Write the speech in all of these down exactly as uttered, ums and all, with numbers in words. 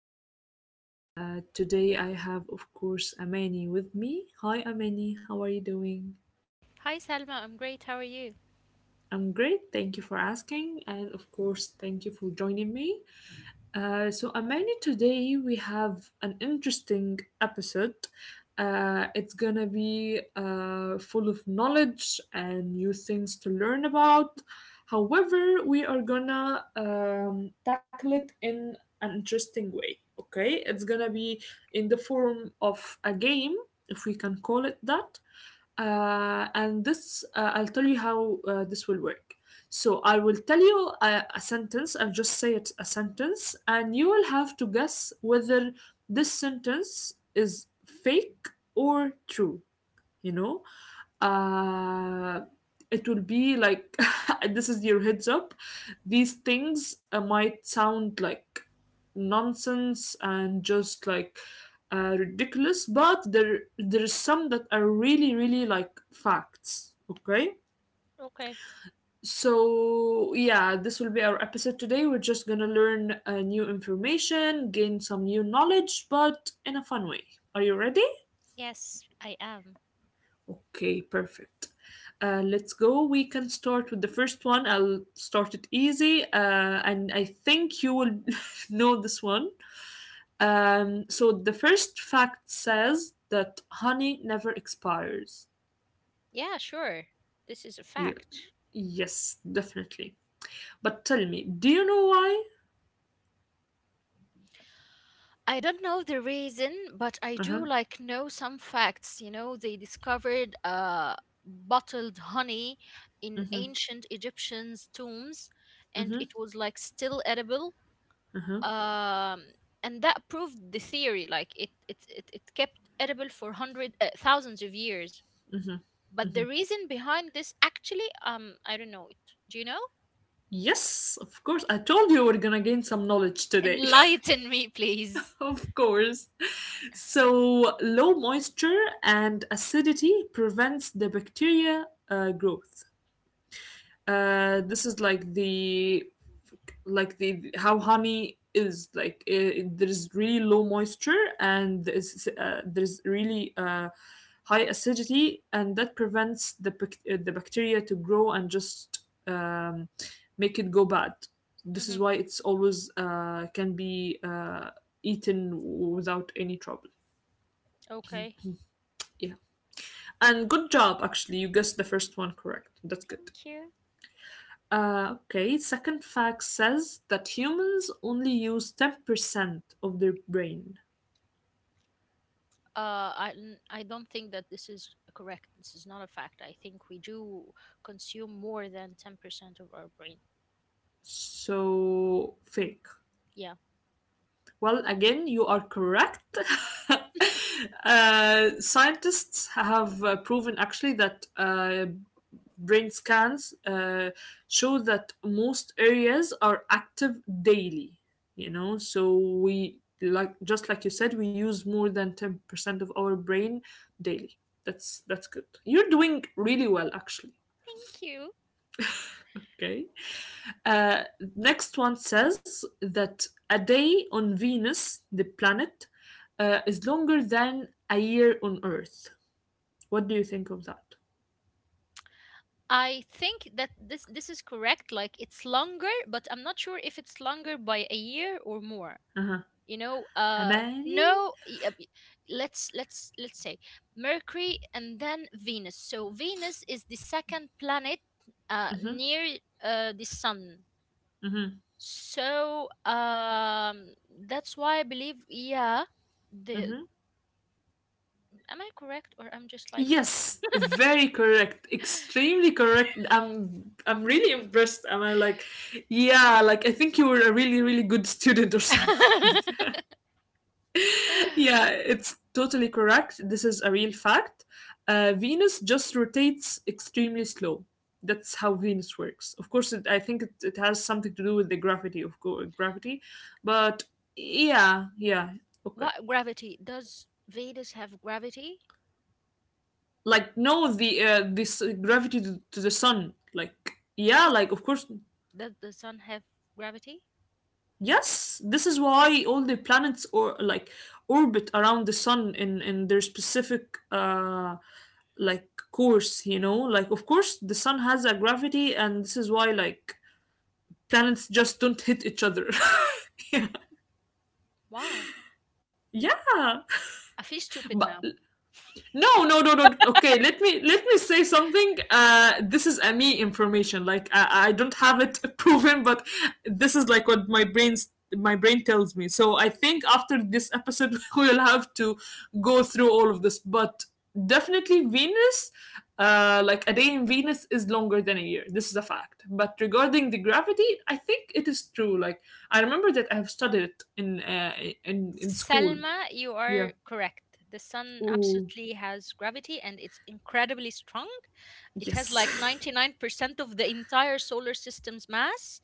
Salma. Uh, today I have, of course, Amani with me. Hi, Amani. How are you doing? Hi, Salma. I'm great. How are you? I'm great. Thank you for asking, and of course, thank you for joining me. Uh, so, Amani, today we have an interesting episode. Uh, it's gonna be uh, full of knowledge and new things to learn about. However, we are gonna um, tackle it in an interesting way. Okay, it's gonna be in the form of a game, if we can call it that. Uh, and this, uh, I'll tell you how uh, this will work. So I will tell you a, a sentence, I'll just say it a sentence, and you will have to guess whether this sentence is fake or true, you know? Uh, it will be like this is your heads up. These things uh, might sound like nonsense and just like uh, ridiculous, but there there is some that are really really like facts. Okay, Okay. so, yeah, this will be our episode today. We're just gonna learn uh, new information, gain some new knowledge, but in a fun way. Are you ready? Yes, I am. Okay, perfect. Uh, let's go. We can start with the first one. I'll start it easy, uh, and I think you will know this one. Um, so, the first fact says that honey never expires. Yeah, sure. This is a Yeah. fact. Yes, definitely. But tell me, do you know why? I don't know the reason, but I Uh do like know some facts. You know, they discovered uh bottled honey in ancient Egyptians' tombs, and huh. it was like still edible. Uh-huh, Um, and that proved the theory. Like it, it, it, it kept edible for hundred uh, thousands of years. uh-huh. But the reason behind this, actually, um, I don't know it. Do you know? Yes, of course. I told you we're gonna gain some knowledge today. Enlighten me, please. of course. So, low moisture and acidity prevents the bacteria uh, growth. Uh this is like the like the how honey is like, uh, there's really low moisture and there's uh, there's really uh high acidity, and that prevents the bac- uh, the bacteria to grow and just um make it go bad. This Hmm. is why it's always uh can be uh eaten without any trouble. Okay. Yeah, and good job, actually. You guessed the first one correct. That's good. Thank you. Uh, okay, second fact says that humans only use ten percent of their brain. Uh, I, n- I don't think that this is correct. This is not a fact. I think we do consume more than ten percent of our brain. So, fake. Yeah. Well, again, you are correct. Thank uh, scientists have uh, proven, actually, that uh, brain scans uh, show that most areas are active daily. You know, so we, like just like you said, we use more than ten percent of our brain daily. That's that's good. You're doing really well, actually. you. Okay, uh, next one says that a day on Venus, the planet, uh, is longer than a year on Earth. What do you think of that? I think that this this is correct. Like it's longer, but I'm not sure if it's longer by a year or more. Uh-huh. You know. Uh Amani. no y- uh, y- let's let's let's say Mercury and then Venus. So Venus is the second planet uh Mm-hmm, near uh the sun, mm-hmm, so um that's why I believe, yeah, the— mm-hmm. am I correct, or I'm just like— Yes, very correct. Extremely correct. I'm I'm really impressed. Am I like, yeah, like I think you were a really, really good student or something. yeah, it's totally correct. This is a real fact. Uh, Venus just rotates extremely slow. That's how Venus works. Of course, it, I think it, it has something to do with the gravity of co- gravity, but yeah, yeah, okay. What gravity does Venus have? Gravity Like no, the uh, this uh, gravity to, to the sun, like yeah, is— like of course. does the sun have gravity? Yes, this is why all the planets or like orbit around the sun in in their specific uh like course, you know, like of course the sun has a gravity and this is why like planets just don't hit each other. Wow. yeah, I feel stupid. but no, no, no, no. Okay, let me let me say something. Uh, this is a me information. Like I, I don't have it proven, but this is like what my brain's my brain tells me. So I think after this episode, we'll have to go through all of this. But definitely Venus, uh, like a day in Venus is longer than a year. This is a fact. But regarding the gravity, I think it is true. Like I remember that I have studied it in uh, in in school. Selma, you Yeah. are correct. The sun Oh absolutely has gravity and it's incredibly strong. It has yes. like ninety-nine percent of the entire solar system's mass,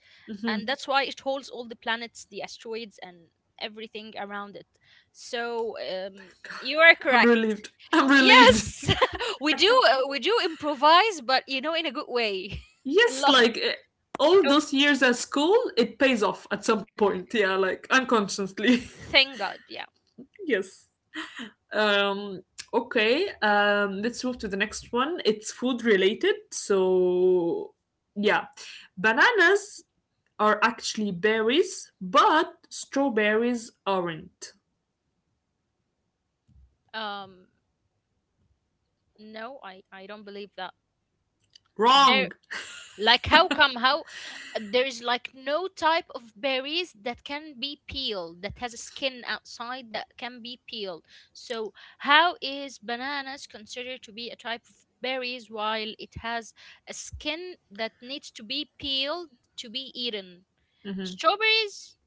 and that's why it holds all the planets, the asteroids, and everything around it. So, um, you are I'm relieved. correct. I'm relieved. Yes, we do uh, we do improvise, but you know, in a good way. A yes, lot. like eh, all Oh, those years at school, it pays off at some point. Yeah, like unconsciously. thank God. Yeah. yes. Um. Okay. Um. Let's move to the next one. It's food related, so yeah, bananas are actually berries, but strawberries aren't. Um. No, I I don't believe that. Very— Wrong. like, how come? How— there is like no type of berries that can be peeled, that has a skin outside that can be peeled. So how is bananas considered to be a type of berries while it has a skin that needs to be peeled to be eaten? Hmm. Strawberries,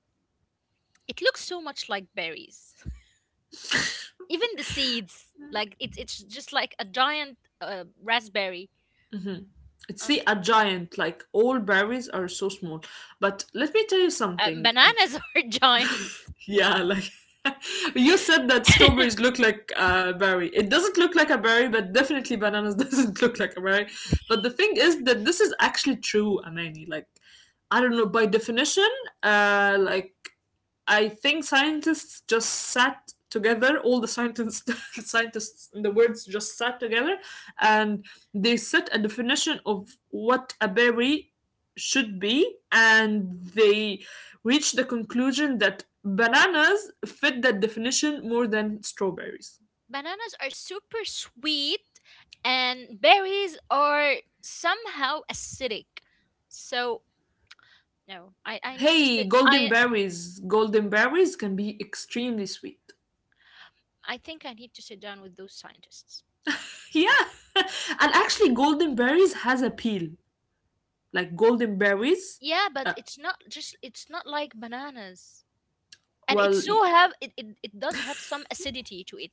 it looks so much like berries. Even the seeds, like it's it's just like a giant uh, raspberry. Hmm. It's Um, see a giant. Like all berries are so small. But let me tell you uh, something. bananas are giant. Yeah, like you said that strawberries look like a berry. It doesn't look like a berry, but definitely bananas doesn't look like a berry. But the thing is that this is actually true, Amani. Like I don't know by definition, uh, like I think scientists just sat together, all the scientists, scientists in the words just sat together, and they set a definition of what a berry should be, and they reached the conclusion that bananas fit that definition more than strawberries. Bananas are super sweet, and berries are somehow acidic. So no, I, I need to Hey, sit. golden I— berries golden berries can be extremely sweet. I think I need to sit down with those scientists. Yeah, and actually golden berries has a peel, like golden berries. Yeah, but uh, it's not just— it's not like bananas, and it well, y- so have it, it, it does have some acidity to it.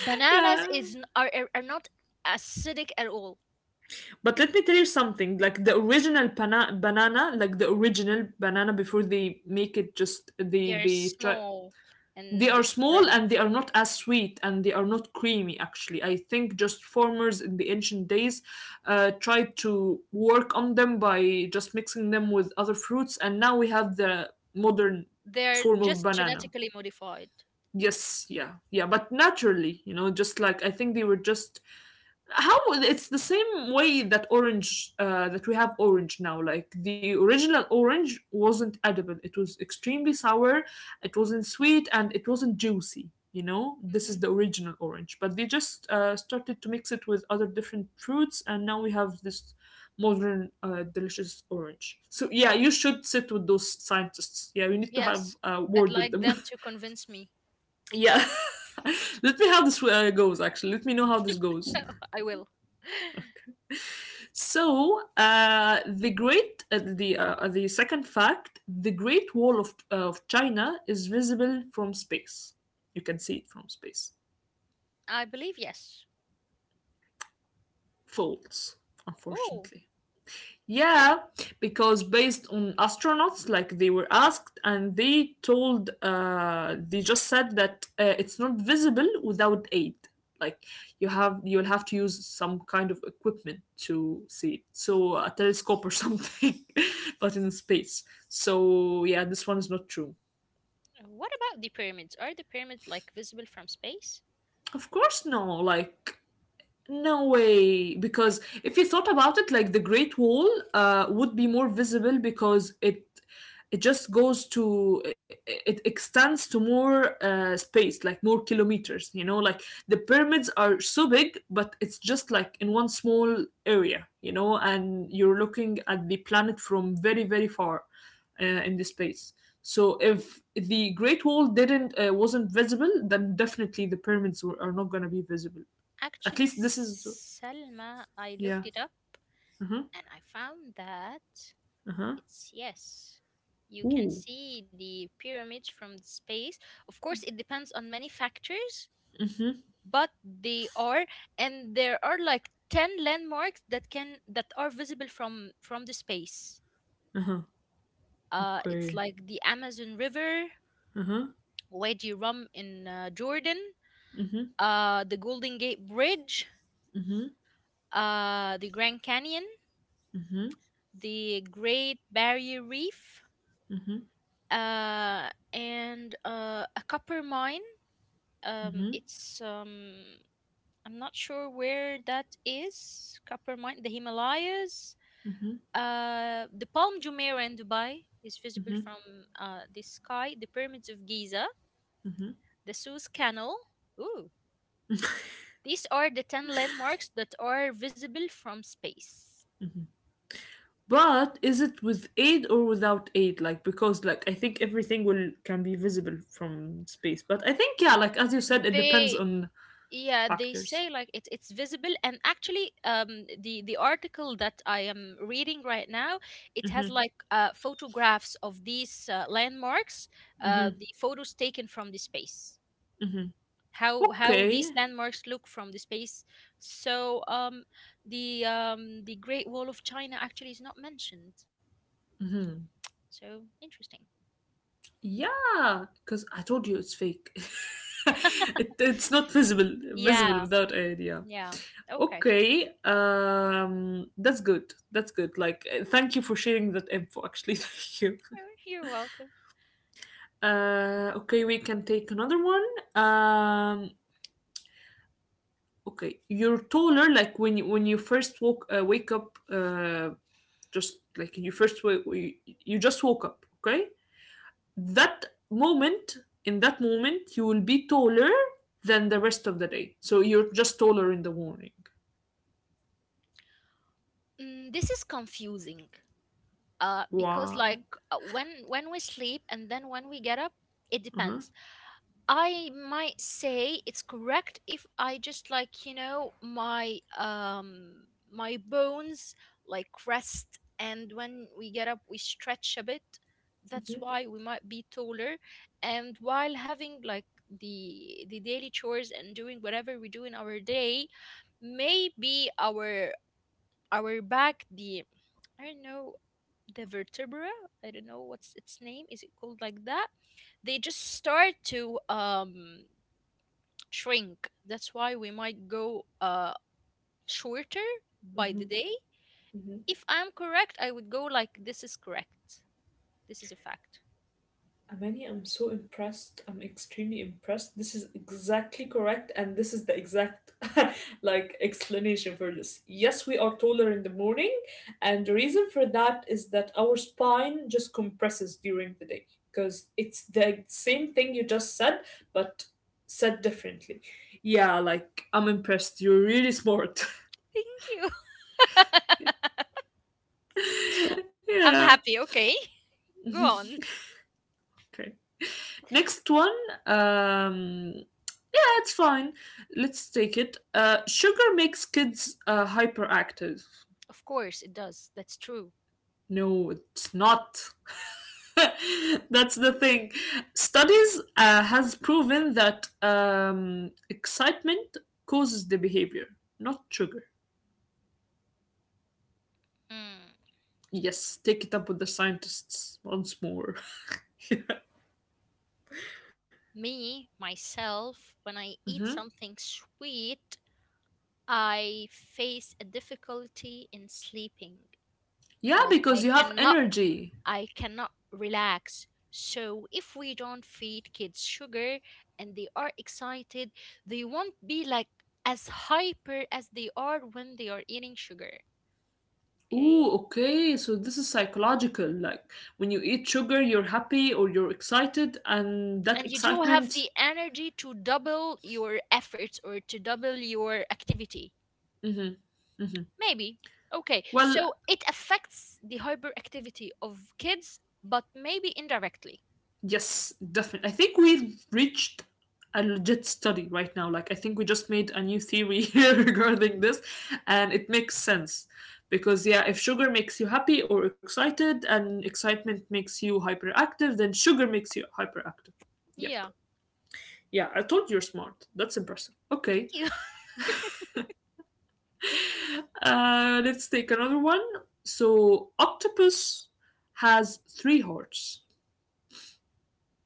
Bananas yeah. is n- are are are not acidic at all. But let me tell you something. Like the original pana- banana, like the original banana before they make it just they They're they try. small They and are small different. and they are not as sweet and they are not creamy. Actually I think just farmers in the ancient days uh, tried to work on them by just mixing them with other fruits, and now we have the modern They're form of just banana. genetically modified. Yes, yeah, yeah, but naturally, you know, just like I think they were just how, it's the same way that orange, uh, that we have orange now, like the original orange wasn't edible, it was extremely sour, it wasn't sweet and it wasn't juicy, you know, this is Mhm. the original orange, but they just uh, started to mix it with other different fruits and now we have this modern uh, delicious orange. So yeah, you should sit with those scientists. Yeah, we need to have Yes, a I'd word with like them. them to convince me. yeah. let me how this uh, goes, actually. Let me know how this goes. I will. So uh, the great uh, the uh, the second fact, the Great Wall of uh, of China is visible from space. You can see it from space. I believe yes. False, Oh, unfortunately. Yeah, because based on astronauts, like they were asked, and they told, uh, they just said that uh, it's not visible without aid. Like you have, you'll have to use some kind of equipment to see it. So a telescope or something, but in space. So yeah, this one is not true. what about the pyramids? Are the pyramids like visible from space? Of course, no. Like no way, because if you thought about it, like the Great Wall uh, would be more visible because it it just goes to it, it extends to more uh, space, like more kilometers. You know, like the pyramids are so big, but it's just like in one small area. You know, and you're looking at the planet from very very far uh, in the space. So if the Great Wall didn't uh, wasn't visible, then definitely the pyramids were, are not going to be visible. At Actually, least this is Selma, I yeah. looked it up Uh huh. and I found that Uh huh. it's yes. You can Ooh. see the pyramids from the space. Of course, it depends on many factors, Uh huh. but they are— and there are like ten landmarks that can— that are visible from from the space. Uh huh. Uh it's Okay. like the Amazon River, Uh huh. Wadi Rum in uh, Jordan, Uh huh. uh the Golden Gate Bridge, Uh huh. uh the Grand Canyon, Uh huh. the Great Barrier Reef, Uh huh. uh and uh a copper mine. Um it's, um, I'm not sure where that is. Copper mine, the Himalayas. Uh, the Palm Jumeirah in Dubai is visible from uh, the sky. The pyramids of Giza, the Suez Canal. Ooh, these are the ten landmarks that are visible from space. But is it with aid or without aid? Like because like I think everything will can be visible from space. But I think yeah, like as you said, it depends They on Yeah, they factors. say like it's it's visible, and actually, um, the the article that I am reading right now, it has like uh, photographs of these uh, landmarks, uh, the photos taken from the space. how how these Okay. landmarks look from the space. So um the um the Great Wall of China actually is not mentioned. So interesting. Yeah, because I told you it's fake. it, it's not visible visible Yeah. without aid. Yeah. Yeah. Okay. Okay, um, that's good. That's good. Like, uh, thank you for sharing that info. Actually, thank you. Oh, you're welcome. Uh, okay, we can take another one. Um, okay, you're taller. Like when you, when you first woke uh, wake up, uh, just like you first wake, you, you just woke up. Okay, that moment in that moment you will be taller than the rest of the day. So you're just taller in the morning. Mm, this is confusing uh because Why? like uh, when when we sleep and then when we get up, it Uh depends. I might say it's correct if I just like, you know, my um my bones like rest, and when we get up we stretch a bit. That's why we might be taller. And while having like the the daily chores and doing whatever we do in our day, maybe our— our back, the— I don't know, the vertebra— I don't know what's its name, is it called like that? They just start to um shrink. That's why we might go uh shorter by the day. huh. If I'm correct, I would go like this is correct. This is a fact. Amani, I'm so impressed. I'm extremely impressed. This is exactly correct, and this is the exact like explanation for this. Yes, we are taller in the morning, and the reason for that is that our spine just compresses during the day because it's the same thing you just said, but said differently. Yeah, like I'm impressed. You're really smart. Thank you. I'm yeah. happy. Okay. Go on. Okay. Next one. Um That's fine. Let's take it. Uh, sugar makes kids uh, hyperactive. Of course it does. That's true. No, it's not. That's the thing. Studies uh, has proven that um, excitement causes the behavior, not sugar. Mm. Yes, take it up with the scientists once more. Me, myself, when I Mhm. eat something sweet, I face a difficulty in sleeping. Yeah, Like because I you have cannot energy. I cannot relax. So if we don't feed kids sugar and they are excited, they won't be like as hyper as they are when they are eating sugar. Okay? Ooh, okay. So this is psychological. Like when you eat sugar, you're happy or you're excited, and that And you do have excitement. the energy to double your efforts or to double your activity. Mm-hmm. Mm-hmm. Maybe. Okay. Well, So it affects the hyperactivity of kids, but maybe indirectly. yes, definitely. I think we've reached a legit study right now. Like, I think we just made a new theory here regarding this, and it makes sense. Because, yeah, if sugar makes you happy or excited, and excitement makes you hyperactive, then sugar makes you hyperactive. Yep. Yeah. Yeah, I told you you're smart. That's impressive. Okay. Thank you. Uh, let's take another one. So, octopus has three hearts.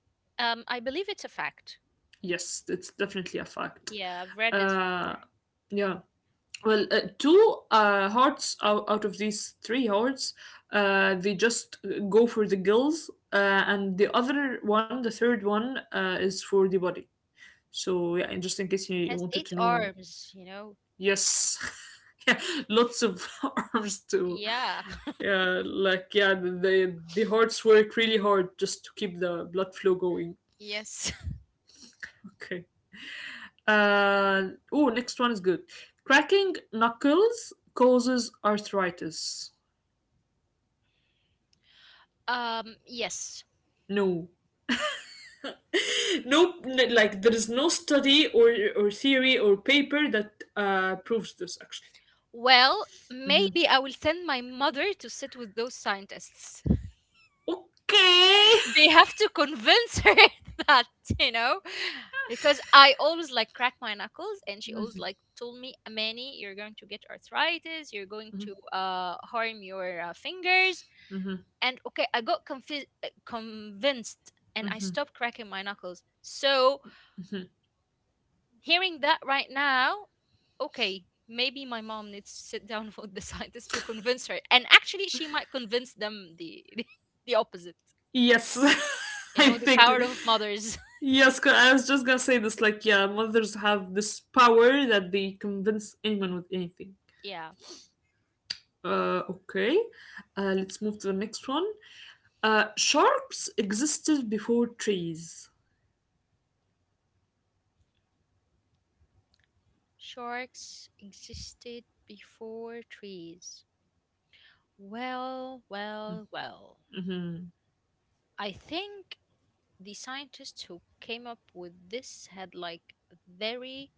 um, I believe it's a fact. Yes, it's definitely a fact. Yeah, I've read this Uh, before. yeah. Well, uh, two uh, hearts out, out of these three hearts, uh, they just uh, go for the gills, uh, and the other one, the third one, uh, is for the body. So yeah, and just in case you, you Has wanted to eight know, arms, you know. yes, yeah, lots of arms too. Yeah. Yeah, like yeah, the the hearts work really hard just to keep the blood flow going. Yes. Okay. Uh, oh, next one is good. Cracking knuckles causes arthritis. Um, yes. No, no, n- like there is no study or or theory or paper that uh, proves this actually. Well, Mhm. maybe I will send my mother to sit with those scientists. Okay. They have to convince her that, you know, because I always like crack my knuckles and she always Mhm, like told me, Amani, you're going to get arthritis, you're going to uh, harm your uh, fingers. mhm. And okay, I got confi- uh, convinced— and I stopped cracking my knuckles. So hearing that right now, okay, maybe my mom needs to sit down with the scientists to convince her. And actually, she might convince them the the— the opposite. Yes, You I know, the think power of mothers. yes. I was just gonna say this. Like, yeah, mothers have this power that they convince anyone with anything. Yeah, Uh, okay. Uh, let's move to the next one. Uh, sharks existed before trees. sharks existed before trees. Well, well, well. Mhm, I think the scientists who came up with this had like a very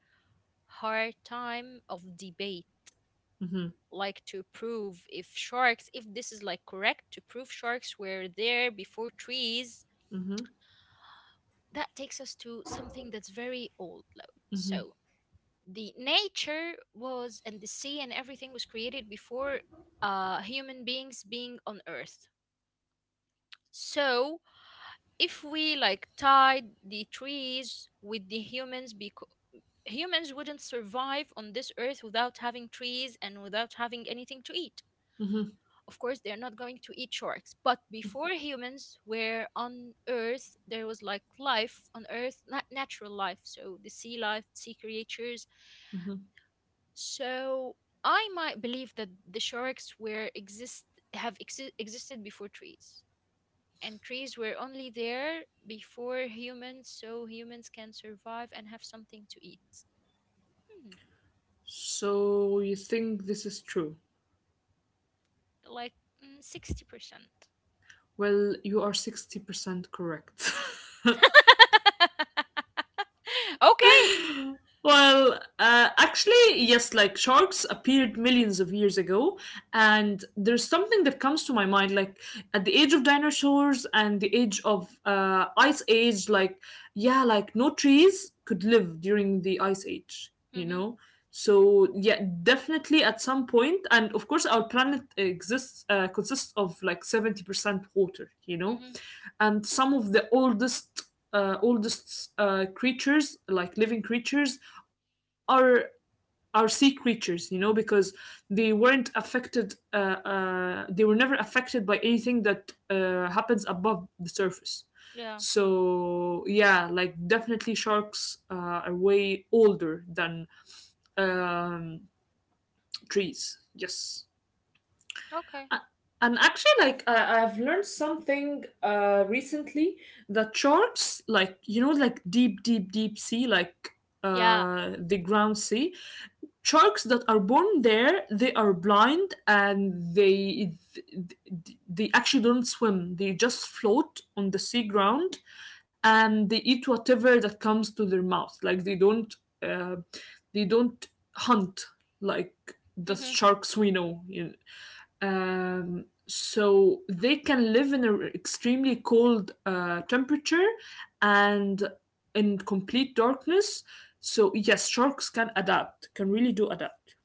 hard time of debate, mhm, like to prove if sharks— if this is like correct, to prove sharks were there before trees. mhm, That takes us to something that's very old. lo- mhm, So the nature was— and the sea and everything was created before uh human beings being on earth. So if we like tied the trees with the humans, because humans wouldn't survive on this earth without having trees and without having anything to eat. mhm, Of course, they're not going to eat sharks. But before humans were on Earth, there was like life on Earth, not natural life. So the sea life, sea creatures. mhm. So I might believe that the sharks were exist have exi- existed before trees. And trees were only there before humans, so humans can survive and have something to eat. Hmm, So you think this is true? like, mm, sixty percent. Well, you are sixty percent correct. Okay. Well, uh, actually, yes, like sharks appeared millions of years ago, and there's something that comes to my mind, like at the age of dinosaurs and the age of uh, ice age, like, yeah, like no trees could live during the ice age, you Mm-hmm, know? So, yeah, definitely at some point, and of course, our planet exists, uh, consists of like seventy percent water, you know? mm-hmm. And some of the oldest uh, oldest uh, creatures like living creatures are are sea creatures, you know, because they weren't affected. Uh, uh, they were never affected by anything that uh, happens above the surface. Yeah. So yeah, like definitely sharks uh, are way older than um, trees. Yes. Okay. And actually, like I, I've learned something uh, recently that sharks, like you know, like deep, deep, deep sea, like Yeah. uh, the ground sea, sharks that are born there, they are blind and they they actually don't swim, they just float on the sea ground, and they eat whatever that comes to their mouth. Like they don't uh, they don't hunt like the sharks we know, you know. Um, so they can live in an extremely cold uh, temperature and in complete darkness. So yes, sharks can adapt, can really do adapt.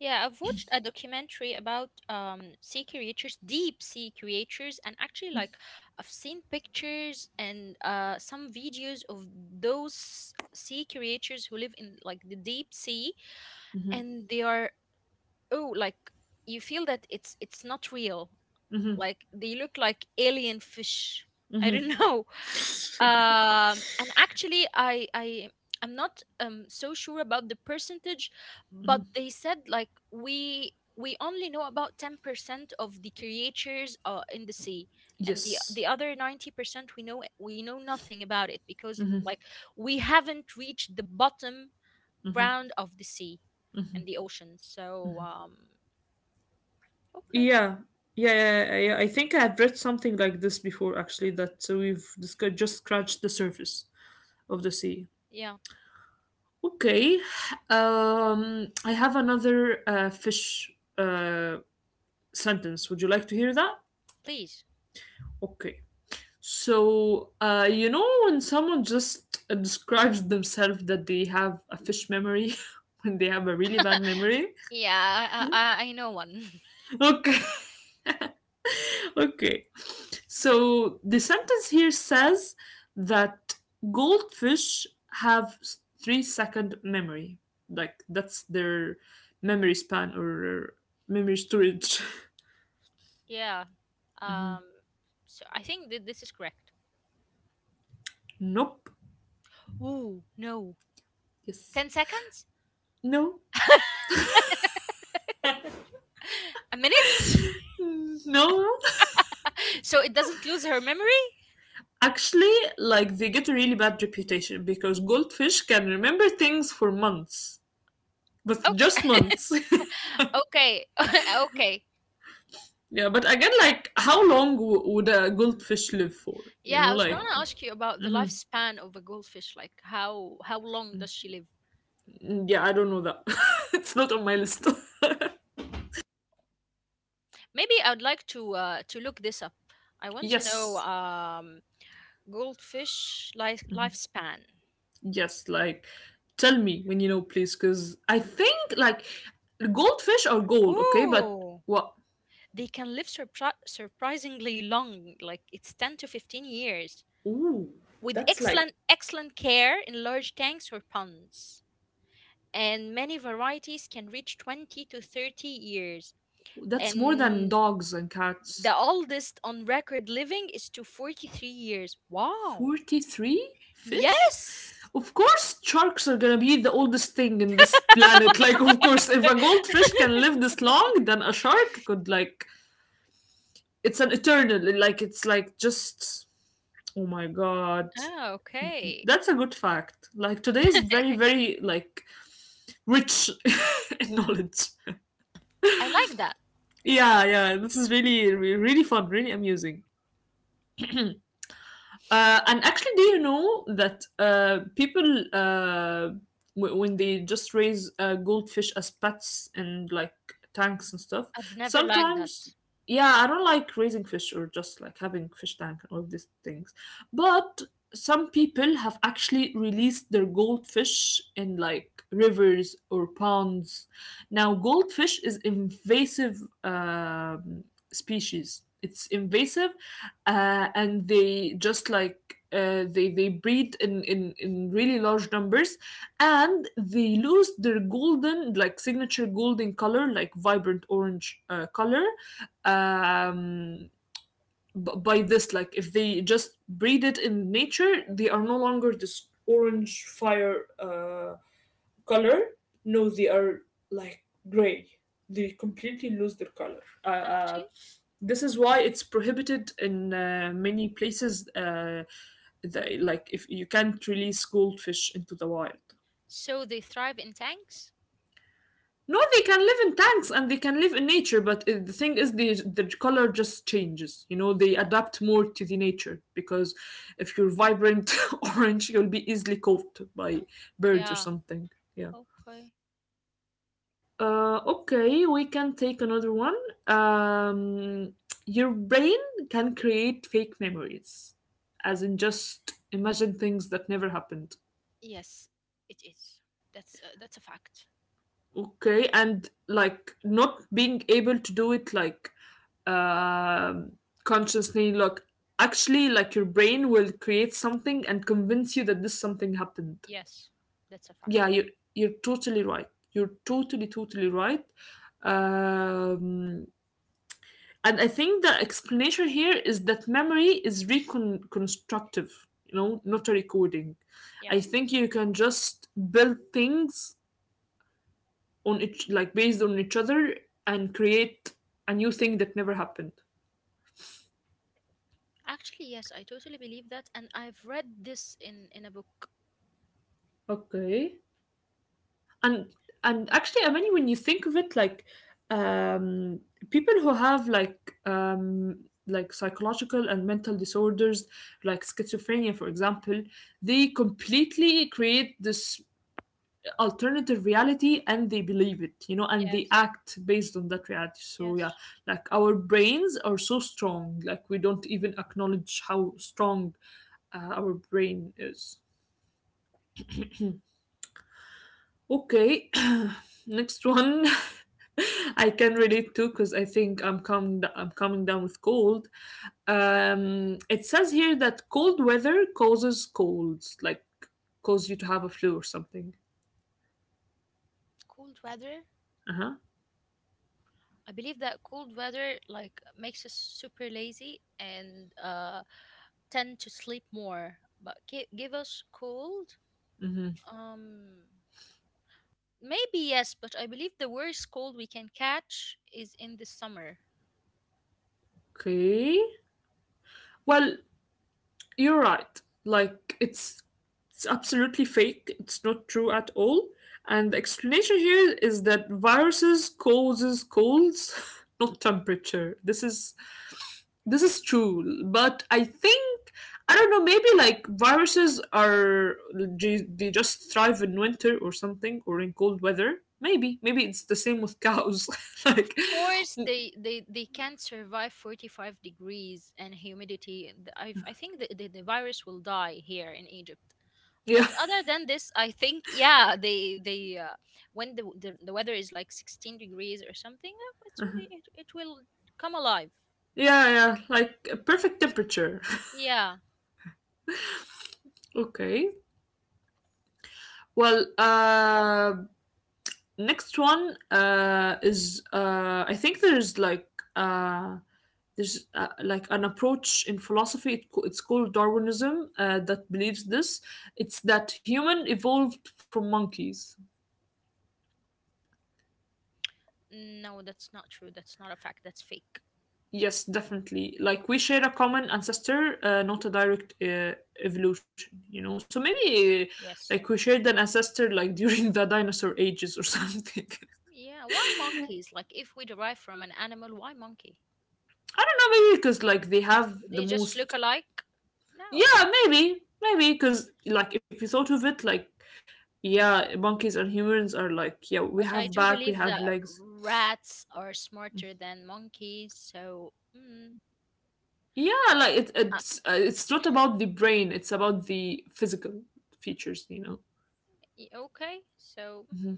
Yeah, I've watched a documentary about um sea creatures, deep sea creatures, and actually like I've seen pictures and uh some videos of those sea creatures who live in like the deep sea, and they are— oh, like, you feel that it's— it's not real. Mm-hmm, Like they look like alien fish, I mm-hmm. don't know. Yeah. um and actually I I I'm not um so sure about the percentage, but they said like we we only know about ten percent of the creatures uh, in the sea, and the Yes. the other ninety percent we know— we know nothing about it, because like we haven't reached the bottom ground of the sea and the ocean. So um, okay. Yeah. Yeah, yeah, yeah. I think I have read something like this before, actually, that uh, we've discussed, just scratched the surface of the sea. Yeah. Okay. Um, I have another uh, fish uh, sentence. Would you like to hear that? Please. Okay. So, uh, you know, when someone just uh, describes themselves that they have a fish memory, when they have a really bad memory. Yeah, I, I, I I know one. Okay, okay. So, the sentence here says that goldfish have s- three second memory. Like, that's their memory span or memory storage. Yeah. Mhm. Um. So I think that this is correct. Nope. Ooh, no. Yes. Ten seconds? No. A minute? No. So it doesn't lose her memory? Actually, like they get a really bad reputation because goldfish can remember things for months, but just Okay. months. Okay. Okay. yeah, but again, like how long w- would a goldfish live for? You Yeah, I know, was gonna like ask you about the mhm. lifespan of a goldfish. Like how how long does she live? Yeah, I don't know that. it's not on my list. Maybe I'd like to uh to look this up. I want to know yes, um goldfish life lifespan. yes, like tell me when you know, please, because I think like goldfish are gold, okay, but Ooh. what? They can live surpri- surprisingly long. Like it's ten to fifteen years Ooh, with that's like excellent excellent care in large tanks or ponds, and many varieties can reach twenty to thirty years, that's more than and dogs and cats. the oldest on record living is to forty-three years. Wow. forty-three fish? Yes. Of course, sharks are gonna be the oldest thing in this planet. Like, of course, if a goldfish can live this long, then a shark could, like, it's an eternal. Like, it's like just. Oh my god. Ah, okay. That's a good fact. Like, today is very, very, like, rich in knowledge. I like that. Yeah, yeah, this is really, really fun, really amusing. Uh, and actually, do you know that uh, people, uh, w- when they just raise uh, goldfish as pets and like tanks and stuff, I've never liked that. sometimes, yeah, I don't like raising fish or just like having fish tank and all of these things. But some people have actually released their goldfish in like rivers or ponds. Now, goldfish is invasive um, species. It's invasive uh, and they just like uh, they they breed in, in in really large numbers, and they lose their golden like signature golden color, like vibrant orange uh, color, um, by this like if they just breed it in nature, they are no longer this orange fire. Uh, color, no, they are like gray. They completely lose their color. Uh, uh, Actually, this is why it's prohibited in uh, many places. Uh, they like if you can't release goldfish into the wild. so they thrive in tanks? No, they can live in tanks and they can live in nature, but uh, the thing is, the the color just changes. You know, they adapt more to the nature because if you're vibrant orange, you'll be easily caught by birds or Yeah. something. Yeah. Okay. Uh, okay, we can take another one. Um, your brain can create fake memories, as in just imagine things that never happened. Yes, it is. That's uh, that's a fact. Okay, and like not being able to do it like um, consciously. Look, actually, like your brain will create something and convince you that this something happened. Yes, that's a Yeah, fact. you you're totally right. You're totally totally right. Um, and I think the explanation here is that memory is reconstructive, you know, not a recording. Yeah. I think you can just build things on each, like based on each other, and create a new thing that never happened. Actually, yes, I totally believe that, and I've read this in in a book. Okay. And and actually, I mean, when you think of it, like um, people who have like um, like psychological and mental disorders, like schizophrenia, for example, they completely create this alternative reality and they believe it, you know, and they Yes. act based on that reality. So, yeah, Yes. like our brains are so strong, like we don't even acknowledge how strong uh, our brain is. Okay, next one. I can relate to because I think I'm coming I'm coming down with cold. Um, it says here that cold weather causes colds, like cause you to have a flu or something. Cold weather. Uh huh. I believe that cold weather like makes us super lazy and uh tend to sleep more. But gi- give us cold. Mm-hmm. Um, maybe yes, but I believe the worst cold we can catch is in the summer. Okay. Well, you're right. Like it's it's absolutely fake. It's not true at all. And the explanation here is that viruses causes colds, not temperature. This is this is true. But I think I don't know. Maybe like viruses are they just thrive in winter or something or in cold weather. Maybe maybe it's the same with cows. Of like course, they they they can't survive forty-five degrees and humidity. Th- I've— I think the, the, the virus will die here in Egypt. yeah But other than this, I think, yeah, they they uh, when the, the the weather is like sixteen degrees or something, uh, it's— really- it it will come alive. yeah yeah like a perfect temperature. Yeah. Okay. Well, uh, next one uh, is uh, I think there's like uh, there's uh, like an approach in philosophy. It, co- it's called Darwinism uh, that believes this. It's that human evolved from monkeys. No, that's not true. That's not a fact. That's fake. Yes, definitely. Like we share a common ancestor, uh, not a direct uh, evolution. You know, so maybe uh, Yes. like we shared an ancestor like during the dinosaur ages or something. Yeah, why monkeys? Like if we derive from an animal, why monkey? I don't know, maybe because like they have the They just look most alike? No. Yeah, maybe, maybe because like if you thought of it, like yeah, monkeys and humans are like yeah, we But have I do back, we believe have that legs. rats are smarter than monkeys, so mm, Yeah, like it, uh, it's uh, it's not about the brain; it's about the physical features, you know. y- okay. So Mm-hmm.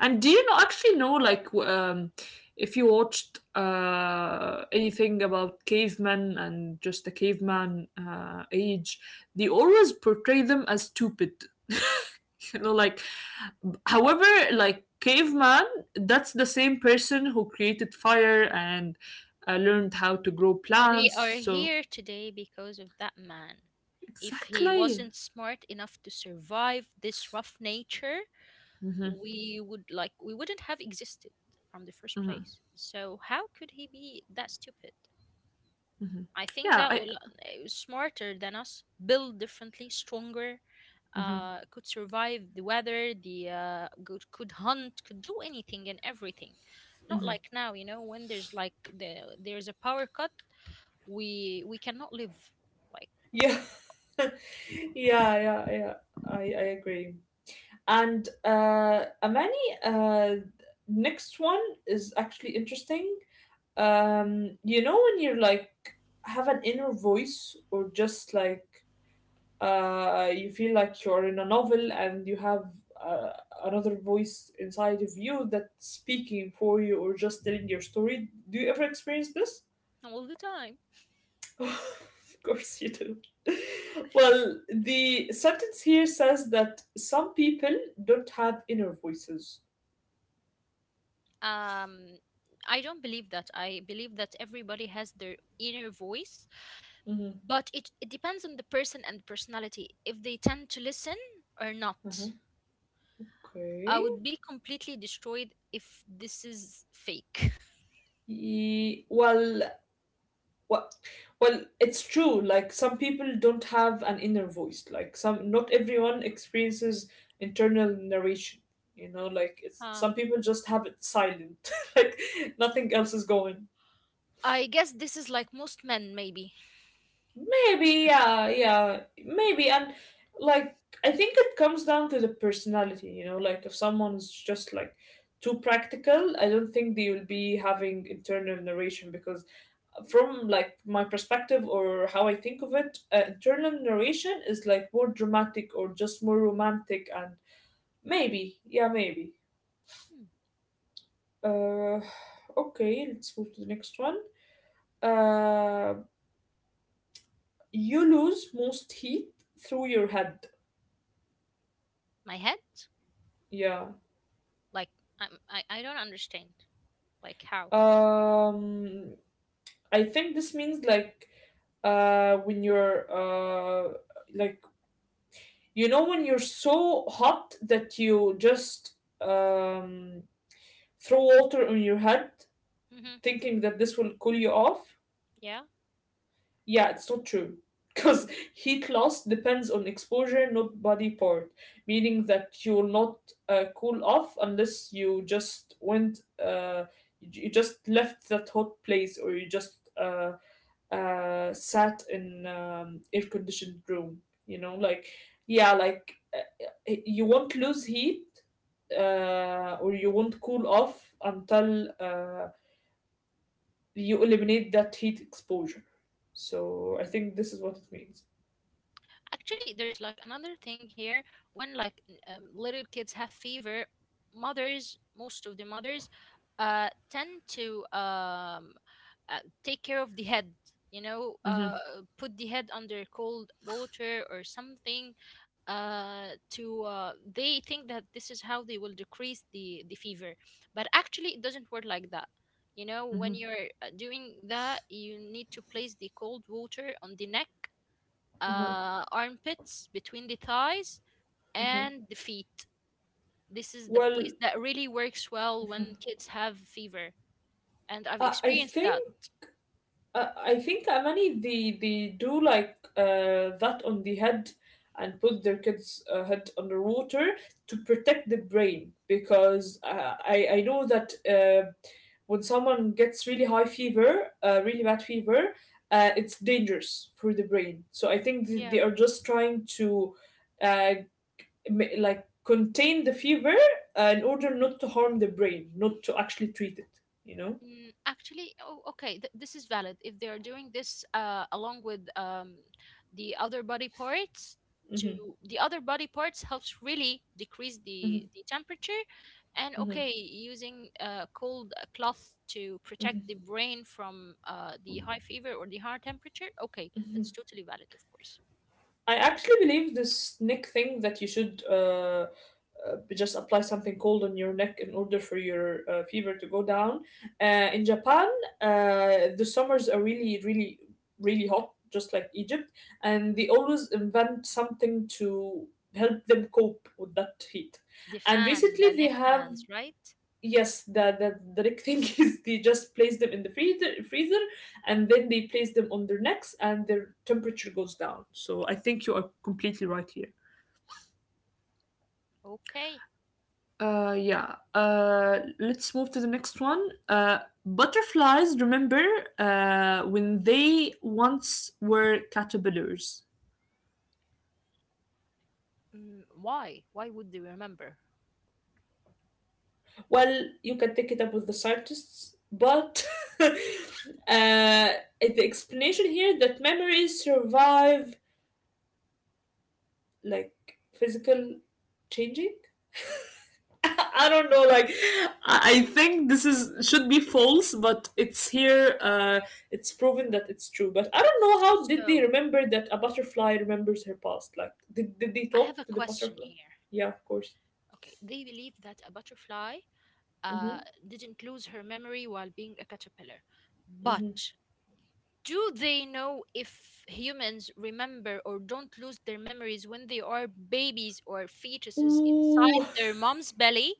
And do you know actually know like w- um, if you watched uh, anything about cavemen and just the caveman uh, age, they always portray them as stupid. you know, like however, like caveman, that's the same person who created fire and uh, learned how to grow we plants. are So here today because of that man. If he exactly, wasn't smart enough to survive this rough nature, we would like we wouldn't have existed from the first place. So how could he be that stupid? I think yeah, that I. will uh, smarter than us, build differently, stronger, Mhm. uh, could survive the weather, the uh, good, could hunt, could do anything and everything. Not like now, you know, when there's like the there's a power cut, we we cannot live like Yeah. Yeah, yeah, yeah. I I agree. And uh, Amani, uh, next one is actually interesting. Um, you know when you're like have an inner voice or just like uh, you feel like you're in a novel and you have uh, another voice inside of you that's speaking for you or just telling your story. Do you ever experience this? all the time. of course you do. well, the sentence here says that some people don't have inner voices. Um, I don't believe that. I believe that everybody has their inner voice, but it, it depends on the person and personality if they tend to listen or Uh-huh. not. I Okay. would be completely destroyed if this is fake. Ye- well, well, well, it's true. Like some people don't have an inner voice. Like some, not everyone experiences internal narration. You know, like it's Huh. some people just have it silent, like nothing else is going I guess this is like most men, maybe. Maybe, yeah, yeah, maybe. And like, I think it comes down to the personality, you know, like if someone's just like too practical, I don't think they will be having internal narration because, uh, from like my perspective or how I think of it, uh, internal narration is like more dramatic or just more romantic and maybe, yeah, maybe. Hmm. Uh, okay, let's move to the next one. Uh, you lose most heat through your head. My head? Yeah, Like, I'm, I, I don't understand. Like, how? Um, I think this means like uh, when you're uh, like you know when you're so hot that you just um, throw water on your head, Hmm. thinking that this will cool you off. Yeah. Yeah, it's not true. Because heat loss depends on exposure, not body part, meaning that you will not uh, cool off unless you just went, uh, you you just left that hot place or you just uh, uh, sat in um, air conditioned room. You know, like yeah, like uh, uh, you won't lose heat uh, or you won't cool off until uh, you eliminate that heat exposure. So I think this is what it means. Actually, there's like another thing here. When like n- um, little kids have fever, mothers, most of the mothers, uh, tend to um, uh, take care of the head. You know, Mm-hmm. uh, put the head under cold water or something uh, to uh, they think that this is how they will decrease the the fever, but actually it doesn't work like that. You know, Mm-hmm. when you're uh, doing that, you need to place the cold water on the neck, Uh-huh, uh, armpits, between the thighs uh-huh. and the feet. This is the Well, place that really works well when kids have fever, and I've I, I experienced that. think uh, I think Amani, they they do like uh, that on the head and put their kids' uh, head underwater to protect the brain because uh, I I know that uh, when someone gets really high fever, uh, really bad fever, uh, it's dangerous for the brain. So I think th- they Yeah. are just trying to uh, ma- like contain the fever uh, in order not to harm the brain, not to actually treat it, you know? Mm, actually, oh, okay, th- this is valid. If they are doing this uh, along with um, the other body parts, to Hmm the other body parts helps really decrease the hmm the temperature, and hmm okay, using uh, cold uh, cloth to protect hmm the brain from uh, the high fever or the high temperature. Okay, that's totally valid, of course. I actually believe this neck thing, that you should uh, uh, just apply something cold on your neck in order for your uh, fever to go down. Uh, in Japan, uh, the summers are really, really, really hot, just like Egypt, and they always invent something to help them cope with that heat. The And fan, the recently, they neck have… fans, right? Yes, the, the the Rick thing is they just place them in the freezer, freezer, and then they place them on their necks, and their temperature goes down. So I think you are completely right here. Okay. Uh, yeah. Uh, let's move to the next one. Uh, butterflies. Remember, uh, when they once were caterpillars. Mm, why? Why would they remember? Well, you can take it up with the scientists, but uh, the explanation here that memories survive like physical changing? I don't know. Like, I I think this is should be false, but it's here. Uh, it's proven that it's true. But I don't know how did they So remember that a butterfly remembers her past. Like, did, did they I have talk a to the question butterfly? here. Yeah, of course. Okay, they believe that a butterfly Mm-hmm. uh, didn't lose her memory while being a caterpillar. Mm-hmm. But do they know if humans remember or don't lose their memories when they are babies or fetuses Ooh, inside their mom's belly?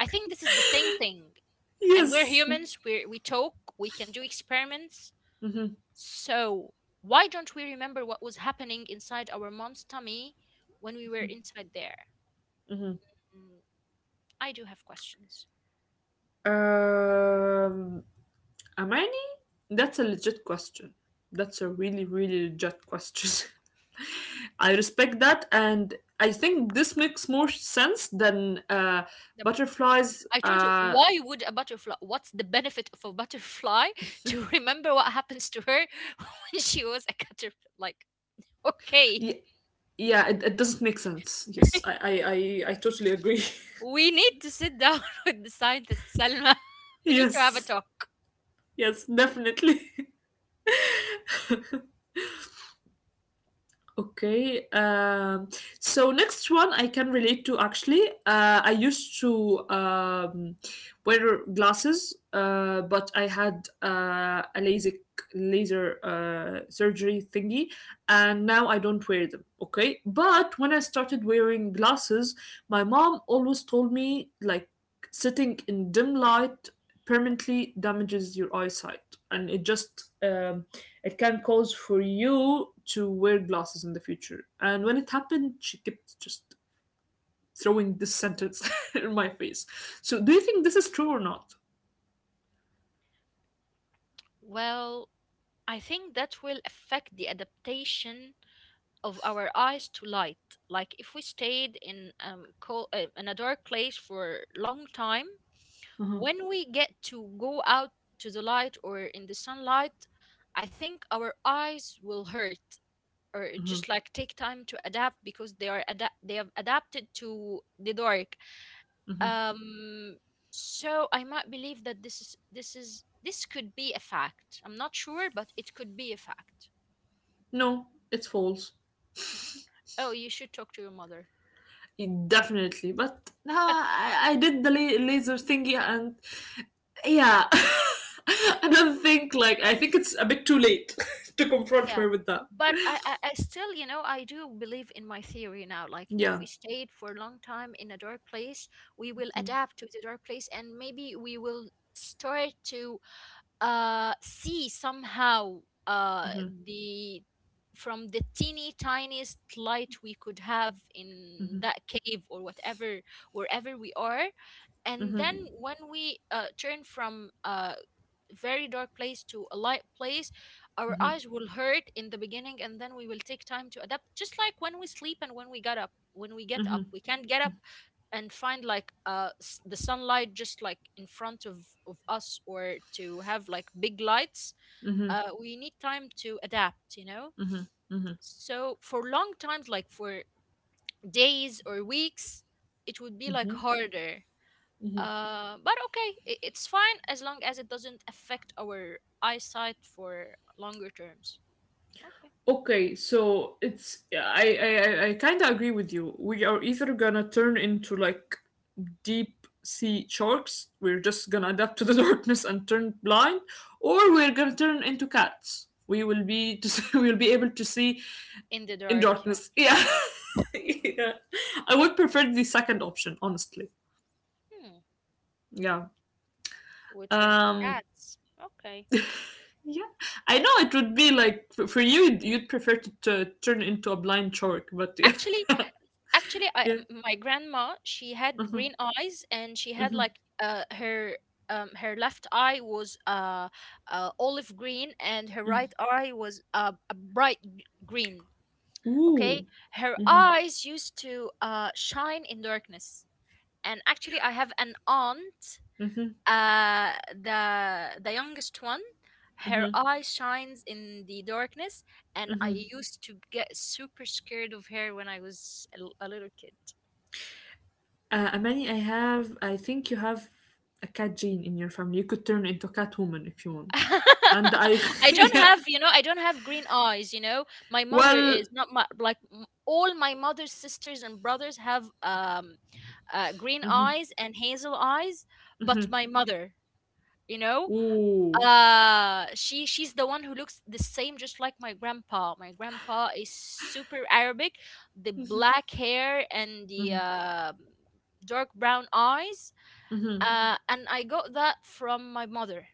I think this is the same thing. And we're yes. humans, we're, we talk, we can do experiments. Mm-hmm. So, why don't we remember what was happening inside our mom's tummy when we were inside there? Mm-hmm. Mm, I do have questions. Um, Amani, Mhm. that's a legit question. That's a really, really legit question. I respect that, and I think this makes more sense than uh, The b- butterflies. I told you, Uh, why would a butterfly, what's the benefit of a butterfly to remember what happens to her when she was a caterpillar? Like, okay, y- yeah, it, it doesn't make sense. Yes, I I I, I totally agree. we need to sit down with the scientist, Salma. We need to have a Yes, talk. yes, definitely. Okay. Um, so next one I can relate to actually. Uh, I used to um, wear glasses, uh, but I had uh, a LASIK laser uh, surgery thingy, and now I don't wear them. Okay. But when I started wearing glasses, my mom always told me like sitting in dim light permanently damages your eyesight, and it just um, it can cause for you to wear glasses in the future. And when it happened, she kept just throwing this sentence in my face. So, do you think this is true or not? Well, I think that will affect the adaptation of our eyes to light. Like if we stayed in um co- uh, in a dark place for a long time, Hmm when we get to go out to the light or in the sunlight, I think our eyes will hurt or hmm just like take time to adapt because they are ada- they have adapted to the dark. hmm Um, so I might believe that this is this is this could be a fact. I'm not sure, but it could be a fact. No, it's false. Oh, you should talk to your mother. It- Definitely, but now I, I did the la- laser thingy, and yeah, I don't think, like I think it's a bit too late to confront her Yeah. with that. But I, I, I still, you know, I do believe in my theory now. Like, if Yeah. we stayed for a long time in a dark place, we will adapt to the dark place, and maybe we will start to uh, see somehow uh, hmm the from the teeny tiniest light we could have in that cave or whatever, wherever we are. And then when we uh, turn from uh, very dark place to a light place, our eyes will hurt in the beginning, and then we will take time to adapt. Just like when we sleep and when we get up, when we get up, we can't get up and find like uh s- the sunlight just like in front of of us, or to have like big lights. hmm uh We need time to adapt, you know, so for long times, like for days or weeks, it would be like harder, uh, but okay, I it's fine as long as it doesn't affect our eyesight for longer terms. Okay. Okay, so it's I I I I kind of agree with you. We are either gonna turn into like deep sea sharks. We're just gonna adapt to the darkness and turn blind, or we're gonna turn into cats. We will be just, we'll be able to see In the in dark, yeah. darkness. Yeah, yeah. I would prefer the second option, honestly. Hmm. Yeah. We turn to Um. cats. Okay. Yeah, I know it would be like for for you, you'd prefer to, to turn into a blind shark, but yeah, Actually, actually, I, yeah. m- my grandma, she had Mm-hmm. green eyes, and she had Mm-hmm. like uh her um her left eye was uh, uh olive green, and her right eye was uh, a bright g- green. Okay, Ooh. her eyes used to uh shine in darkness, and actually I have an aunt, Mm-hmm, uh the the youngest one, her mm-hmm, eye shines in the darkness, and I mm-hmm. used to get super scared of her when I was a, l- a little kid. Uh, Amani, I have, I think you have a cat gene in your family. You could turn into a cat woman if you want. And I, I don't yeah. have, you know, I don't have green eyes, you know. My mother is Well, not my like m- all my mother's sisters and brothers have um uh, green eyes and hazel eyes, but mm-hmm. my mother, you know, Ooh. uh she she's the one who looks the same just like my grandpa. My grandpa is super Arabic, the black hair and the Mm-hmm, uh, dark brown eyes, mm-hmm, uh and I got that from my mother.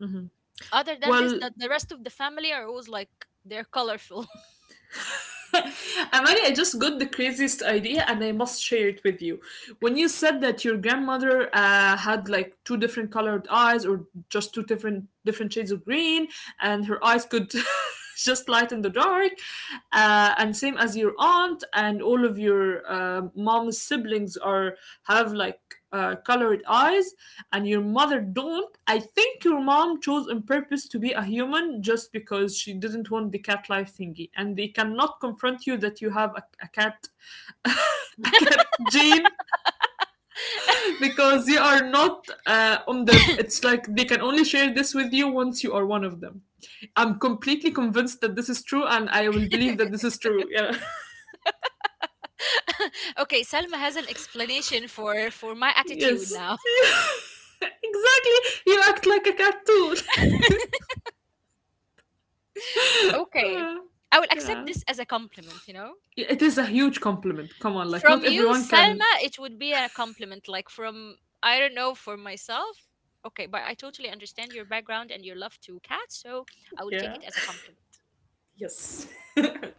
mm-hmm. Other than this, Well, that the rest of the family are always like they're colorful. Amani, I just got the craziest idea and I must share it with you. When you said that your grandmother uh, had like two different colored eyes, or just two different different shades of green, and her eyes could just light in the dark, uh, and same as your aunt and all of your um mom's siblings are have like uh, colored eyes, and your mother don't, I think your mom chose on purpose to be a human just because she didn't want the cat life thingy. And they cannot confront you that you have a, a cat. A cat gene because you are not uh, on their… It's like they can only share this with you once you are one of them. I'm completely convinced that this is true, and I will believe that this is true. Yeah. Okay, Salma has an explanation for for my attitude Yes. now. Exactly. You act like a cat too. Okay, Uh, I will accept yeah, this as a compliment, you know. it is a huge compliment. Come on, like From not you, everyone can. Selma, it would be a compliment. Like from, I don't know, for myself. Okay, but I totally understand your background and your love to cats, so I will take Yeah. it as a compliment. Yes.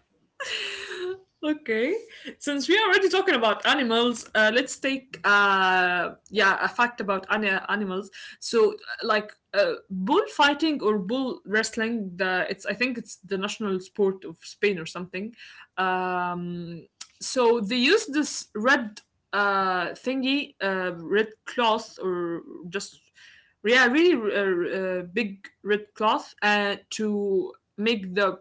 Okay, since we are already talking about animals, uh, let's take uh, yeah, a fact about ani- animals. So, uh, like uh, bullfighting or bull wrestling, the it's I think it's the national sport of Spain or something. Um, so they use this red uh, thingy, uh, red cloth, or just yeah, really uh, uh, big red cloth uh, to make the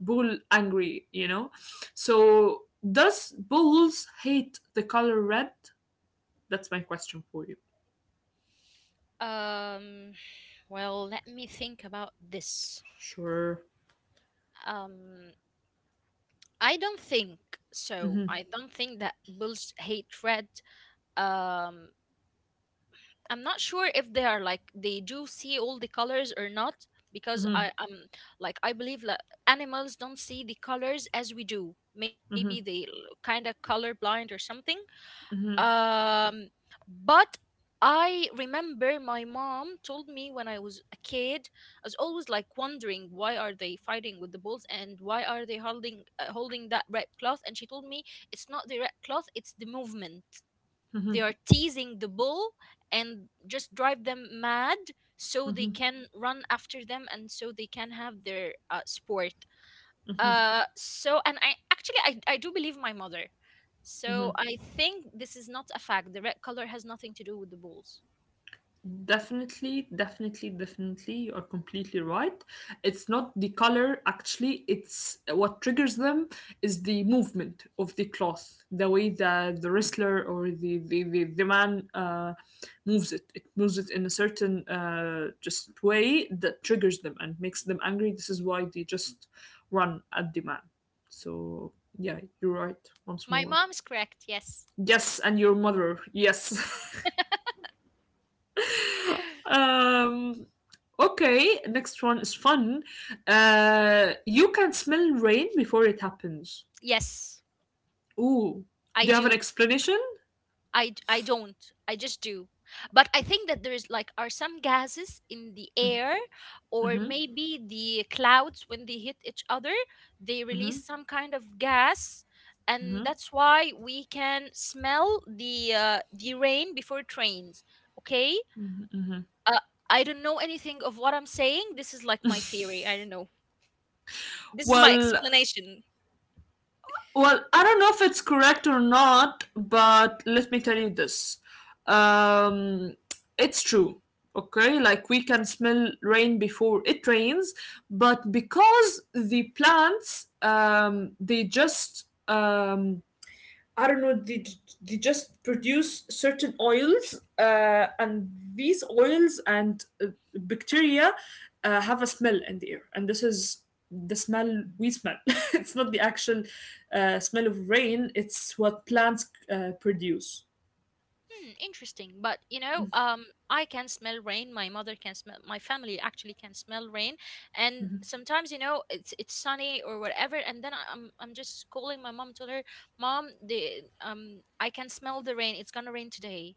bull angry, you know? So, does bulls hate the color red? That's my question for you. Um, well, let me think about this. Sure. Um, I don't think so. hmm I don't think that bulls hate red. Um, I'm not sure if they are like they do see all the colors or not, because hmm I am like I believe like, animals don't see the colors as we do. Maybe they hmm kind of color blind or something. hmm Um, but I remember my mom told me when I was a kid, I was always like wondering, why are they fighting with the bulls and why are they holding uh, holding that red cloth? And she told me it's not the red cloth, it's the movement. They are teasing the bull and just drive them mad so they hmm can run after them, and so they can have their uh, sport. Uh so, and I actually, I, I do believe my mother, so I think this is not a fact. The red color has nothing to do with the bulls. Definitely, definitely, definitely. You are completely right. It's not the color, actually, it's what triggers them is the movement of the cloth, the way that the wrestler or the, the, the, the man uh, moves it. It moves it in a certain uh, just way that triggers them and makes them angry. This is why they just run at the man. So, yeah, you're right once My more. mom's correct, yes. Yes, and your mother. Yes. Um, okay, next one is fun. Uh, you can smell rain before it happens. Yes, Ooh, I do you have an do. explanation? I d- I don't. I just do. But I think that there's like are some gases in the air, or maybe the clouds, when they hit each other, they release some kind of gas, and that's why we can smell the uh, the rain before it rains. Okay? Uh, I don't know anything of what I'm saying. This is like my theory. I don't know. This is my Well, explanation. well, I don't know if it's correct or not, but let me tell you this. Um, it's true. Okay, like we can smell rain before it rains, but because the plants um, they just um, I don't know, they, they just produce certain oils, uh, and these oils and uh, bacteria uh, have a smell in the air. And this is the smell we smell. It's not the actual uh, smell of rain, it's what plants uh, produce. Hmm, interesting. But you know, um, I can smell rain. My mother can smell. My family actually can smell rain. And sometimes, you know, it's it's sunny or whatever. And then I- I'm I'm just calling my mom, told her, "Mom, the um, I can smell the rain. It's gonna rain today."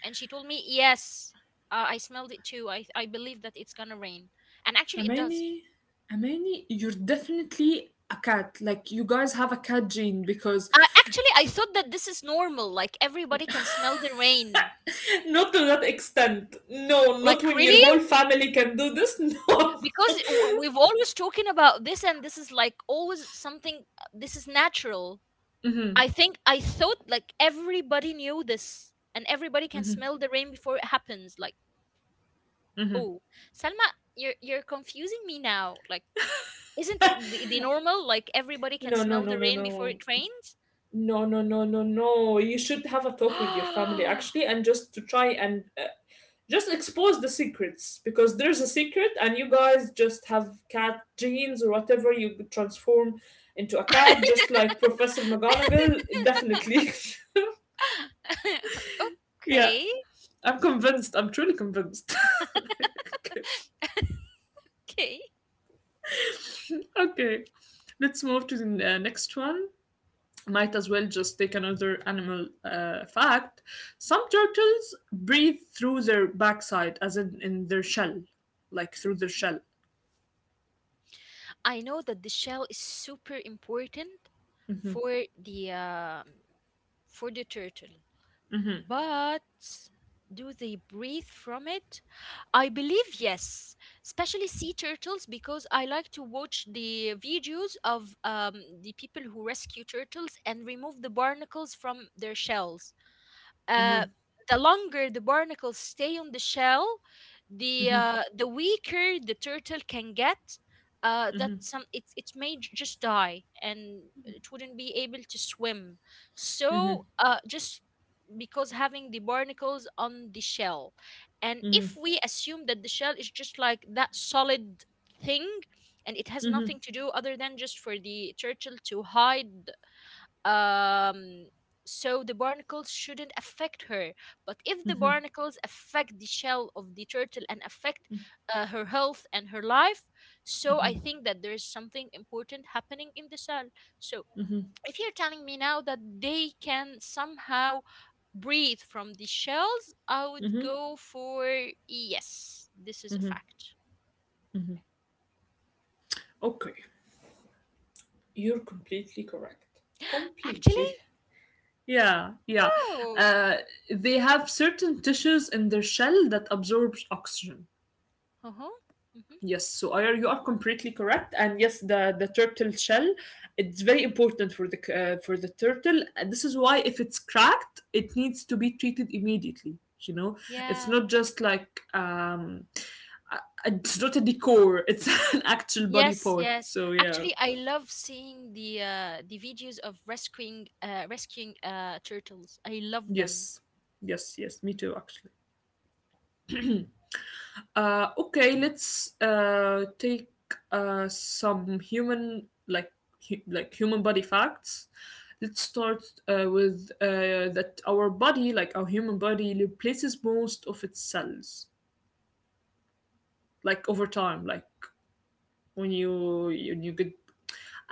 And she told me, "Yes, uh, I smelled it too. I I believe that it's gonna rain." And actually, it does. Amani, Amani, you're definitely a cat. Like, you guys have a cat gene because… Uh, actually, I thought that this is normal. Like everybody can smell the rain. Not to that extent. No, Like not when your whole really? family can do this. Because w- we've always talking about this, and this is like always something, uh, this is natural. No. I think I thought like everybody knew this, and everybody can smell the rain before it happens, like, oh, Salma, you're you're confusing me now. Like, isn't it the, the normal, like everybody can No, no, smell no, the no, rain before no. it rains? No, no, no, no, no. You should have a talk with your family actually and just to try and uh, just expose the secrets, because there's a secret and you guys just have cat genes or whatever. You could transform into a cat just like Professor McGonagall, definitely. Yeah, Okay. I'm convinced. I'm truly convinced. Okay. Okay, Okay. Let's move to the uh, next one. Might as well just take another animal uh, fact. Some turtles breathe through their backside, as in in their shell, like through their shell. I know that the shell is super important for the um, for the turtle. But do they breathe from it? I believe yes, especially sea turtles, because I like to watch the videos of um, the people who rescue turtles and remove the barnacles from their shells. Uh, Hmm the longer the barnacles stay on the shell, the hmm uh, the weaker the turtle can get. Uh, that some it it may j- just die and it wouldn't be able to swim. So hmm uh, just because having the barnacles on the shell, and if hmm we assume that the shell is just like that solid thing, and it has hmm nothing to do other than just for the turtle to hide, um so the barnacles shouldn't affect her. But if the barnacles affect the shell of the turtle and affect uh, her health and her life, so I think that there's something important happening in the cell. So if you're telling me now that they can somehow breathe from the shells, I would hmm go for yes, this is a fact. Okay, you're completely correct. Actually, Completely. Yeah, yeah. oh, Uh, they have certain tissues in their shell that absorbs oxygen. uh-huh. Hmm, Yes, so I, you are completely correct, and yes, the the turtle shell, it's very important for the c- uh, for the turtle. And this is why if it's cracked, it needs to be treated immediately. You know, it's yeah. not just like um, it's not a decor; it's an actual body Yes, part. yes. So yeah, Actually, I love seeing the uh, the videos of rescuing uh, rescuing uh, turtles. I love them. yes, yes, yes, me too, actually. Uh, okay, let's uh, take uh, some human like hu- like human body facts. Let's start uh, with uh, that our body, like our human body, replaces most of its cells, like over time, like when you when you get…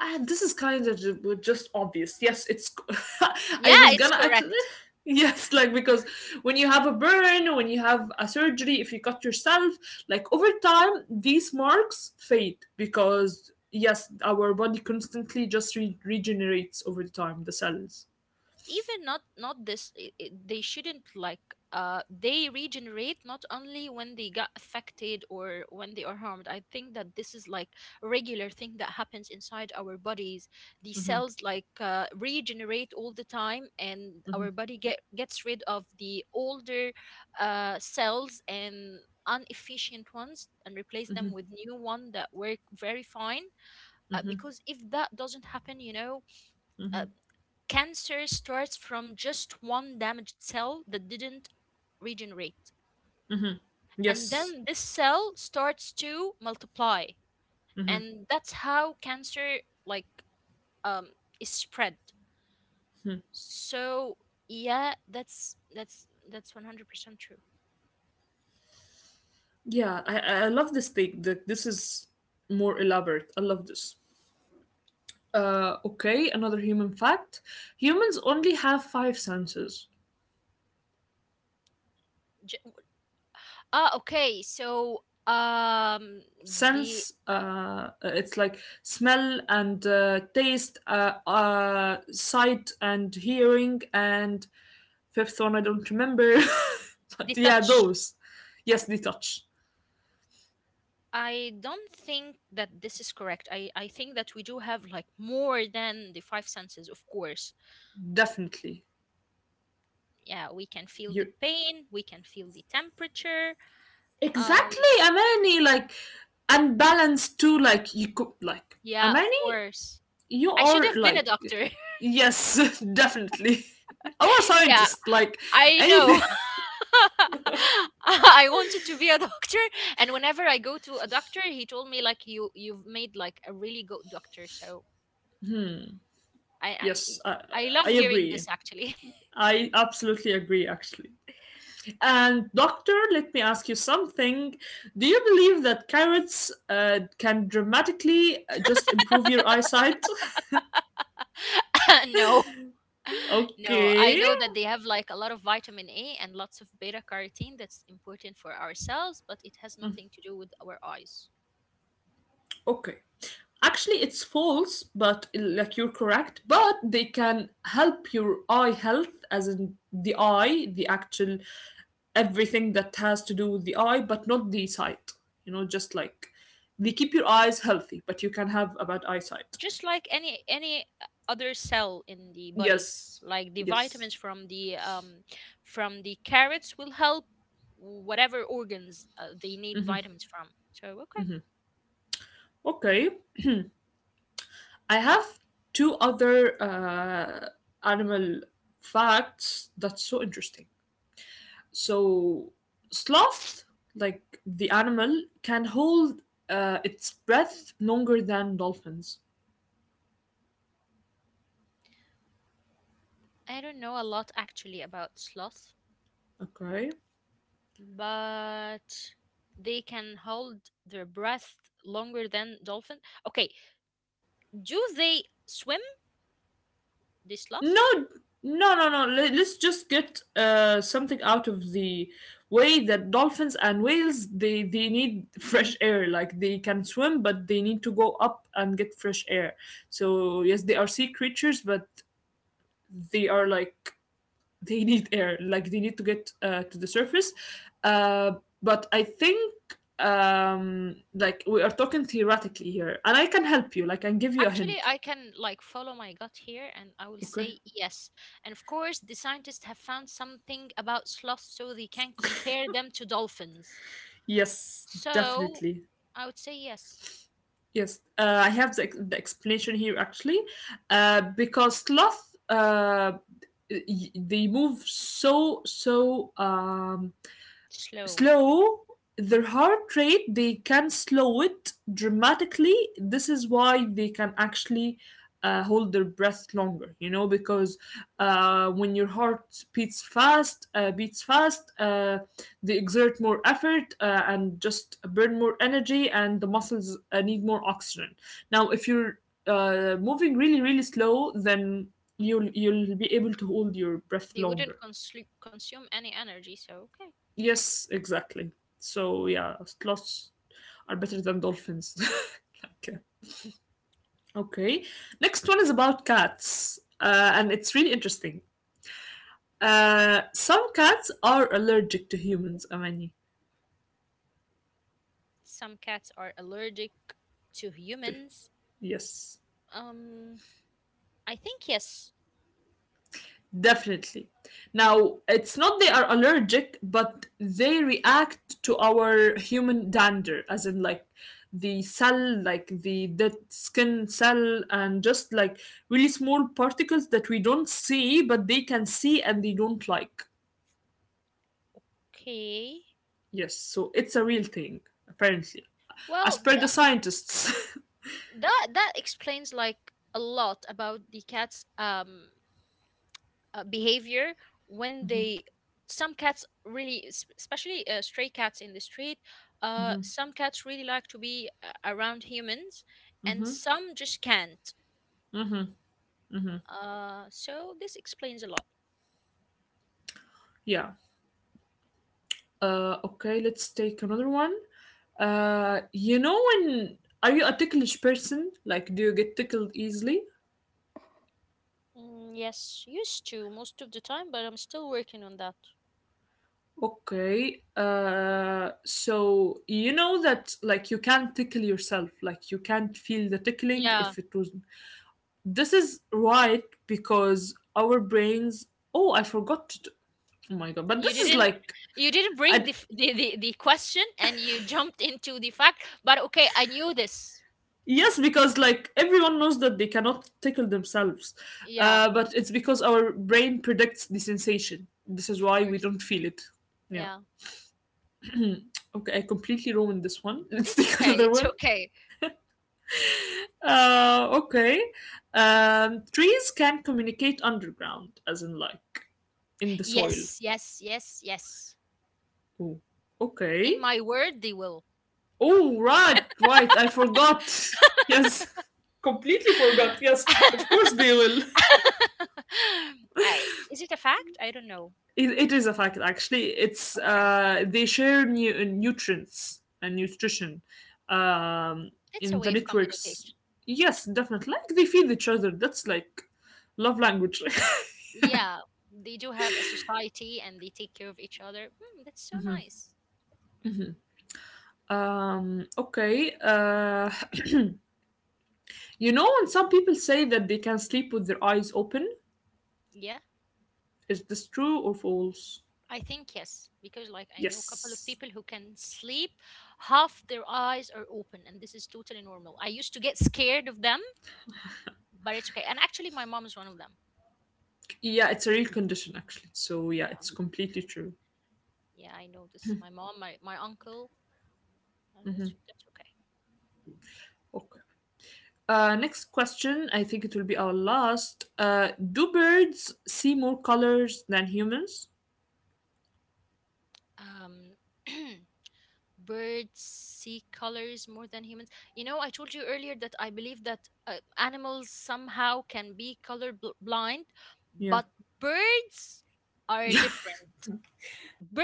Ah, this is kind of just obvious. Yes, it's. Yeah, I was it's gonna actually. correct. Yes, like because when you have a burn, when you have a surgery, if you cut yourself, like over time, these marks fade because yes, our body constantly just re- regenerates over time the cells. Even not not this i- i- they shouldn't, like, uh they regenerate not only when they got affected or when they are harmed. I think that this is like a regular thing that happens inside our bodies. The cells, like, uh, regenerate all the time, and our body get gets rid of the older uh cells and inefficient ones and replace them with new one that work very fine. Uh, because if that doesn't happen, you know, uh, cancer starts from just one damaged cell that didn't regenerate. And Yes, then this cell starts to multiply. And that's how cancer, like, um is spread. So yeah, that's that's that's one hundred percent true. yeah, I I I love this thing. That this is more elaborate. I love this. Uh, okay, another human fact: humans only have five senses. J- ah, okay. So um the Sense uh, uh, it's like smell and uh, taste, uh, uh, sight and hearing, and fifth one I don't remember. The but yeah, touch. those yes they touch I don't think that this is correct. I, I think that we do have like more than the five senses, of course. definitely. Yeah, we can feel the You pain, we can feel the temperature. um exactly, Amani, like unbalanced too, like you could, like yeah, of Amani, course. you I should are have been a like doctor. yes, definitely. Our Yeah, scientist, like, I know. anything. I wanted to be a doctor, and whenever I go to a doctor he told me like, you you've made like a really good doctor. So i Yes, i, i, I I love hearing agree. this actually. I absolutely agree, actually. And, doctor, let me ask you something. Do you believe that carrots uh, can dramatically uh, just improve your eyesight? No, no, I Okay. know that they have like a lot of vitamin A and lots of beta carotene that's important for our cells, but it has nothing to do with our eyes. Okay. Actually, it's false, but like you're correct, but they can help your eye health, as in the eye, the actual everything that has to do with the eye, but not the sight. You know, just like they keep your eyes healthy, but you can have a bad eyesight. Just like any any other cell in the body. Yes. Like the Yes. vitamins from the um from the carrots will help whatever organs uh, they need vitamins from, so okay. Okay. I have two other uh, animal facts that's so interesting. So, sloth, like the animal, can hold uh, its breath longer than dolphins. I don't know a lot actually about sloths, Okay. but they can hold their breath longer than dolphin. Okay, do they swim, the No, sloths? no, no, no. le- Let's just get uh, something out of the way that dolphins and whales they they need fresh air. Like they can swim, but they need to go up and get fresh air. So yes, they are sea creatures, but they are like they need air. Like they need to get uh, to the surface. Uh, but I think um like we are talking theoretically here, and I can help you, like I can give you a Actually, hint. I can like follow my gut here and I will Okay, say yes. And of course, the scientists have found something about sloths so they can compare them to dolphins. yes, So definitely. I would say yes. Yes, uh, I have the, ex- the explanation here actually, uh, because sloth, uh, y- they move so so um, Slow. slow. Their heart rate, they can slow it dramatically. This is why they can actually uh, hold their breath longer, you know, because uh, when your heart beats fast uh, beats fast, uh, they exert more effort uh, and just burn more energy, and the muscles uh, need more oxygen. Now if you're uh, moving really really slow, then you'll you'll be able to hold your breath They longer. wouldn't consu- consume any energy, so okay. Yes, exactly. So yeah, sloths are better than dolphins. Like, uh, okay. Next one is about cats, uh, and it's really interesting. Uh, some cats are allergic to humans, Amani. Some cats are allergic to To- humans. Yes. Um, I think yes. Definitely. Now, it's not they are allergic, but they react to our human dander, as in like the cell, like the dead skin cell, and just like really small particles that we don't see, but they can see and they don't like. Okay. Yes, so it's a real thing, apparently. As Well, th- per the scientists. that that explains like a lot about the cat's um uh, behavior when they, some cats really es- especially uh, stray cats in the street, uh, some cats really like to be uh, around humans, and Hmm, some just can't, uh, so this explains a lot. yeah. Uh, okay, let's take another one. Uh, you know, when are you a ticklish person? Like, do you get tickled easily? Mm, yes, used to most of the time, but I'm still working on that. Okay. Uh, so you know that like you can't tickle yourself. Like you can't feel the tickling Yeah, if it was. This is right because our brains. Oh, I forgot. To, oh my god! But you this is didn't like you didn't bring I, the, f- the, the, the question and you jumped into the fact, but okay, I knew this. Yes, because like everyone knows that they cannot tickle themselves, Yeah, uh, but it's because our brain predicts the sensation. This is of why we course. don't feel it. Yeah. Yeah, Okay, I completely ruined this one. Let's it's take okay, another it's one. okay. Uh, okay. Um, trees can communicate underground, as in like in the soil. Yes, yes, yes, yes. Oh, In okay. my word, they will. Oh, right, right. I forgot. Yes, completely forgot. Yes, of course they will. I, is it a fact? I don't know. It, it is a fact, actually. It's Okay. uh, they share new nutrients and nutrition um, That's a in way the of networks. communication. Yes, definitely. Like they feed each other. That's like love language. Yeah. They do have a society and they take care of each other. Hmm, that's so Mhm. nice. um, okay. Uh, you know, when some people say that they can sleep with their eyes open, Yeah. is this true or false? I think yes. Because, like, I know a couple of Yes. people who can sleep, half their eyes are open, and this is totally normal. I used to get scared of them, but it's okay. And actually, my mom is one of them. Yeah, it's a real condition actually. So yeah, Yeah. it's completely true. Yeah, I know this. My mom, my, my uncle, on the street. That's okay. Okay. Uh, next question, I think it will be our last. Uh, do birds see more colors than humans? Um, birds see colors more than humans. You know, I told you earlier that I believe that uh, animals somehow can be color bl- blind, Yeah. but birds are Yeah. different.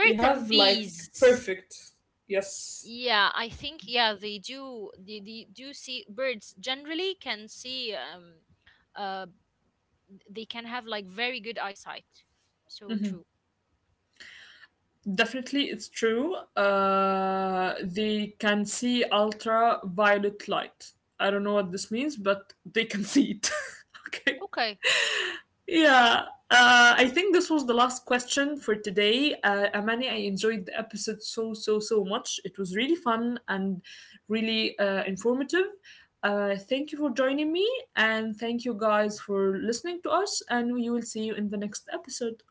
They and have like bees. perfect. Yes. Yeah, I think yeah they do. They, they do see, birds generally can see. Um, uh, they can have like very good eyesight. So true. Definitely, it's true. Uh, they can see ultraviolet light. I don't know what this means, but they can see it. Okay. Okay. Yeah, uh, I think this was the last question for today. Uh, Amani, I enjoyed the episode so, so, so much. It was really fun and really uh, informative. Uh, thank you for joining me, and thank you guys for listening to us, and we will see you in the next episode.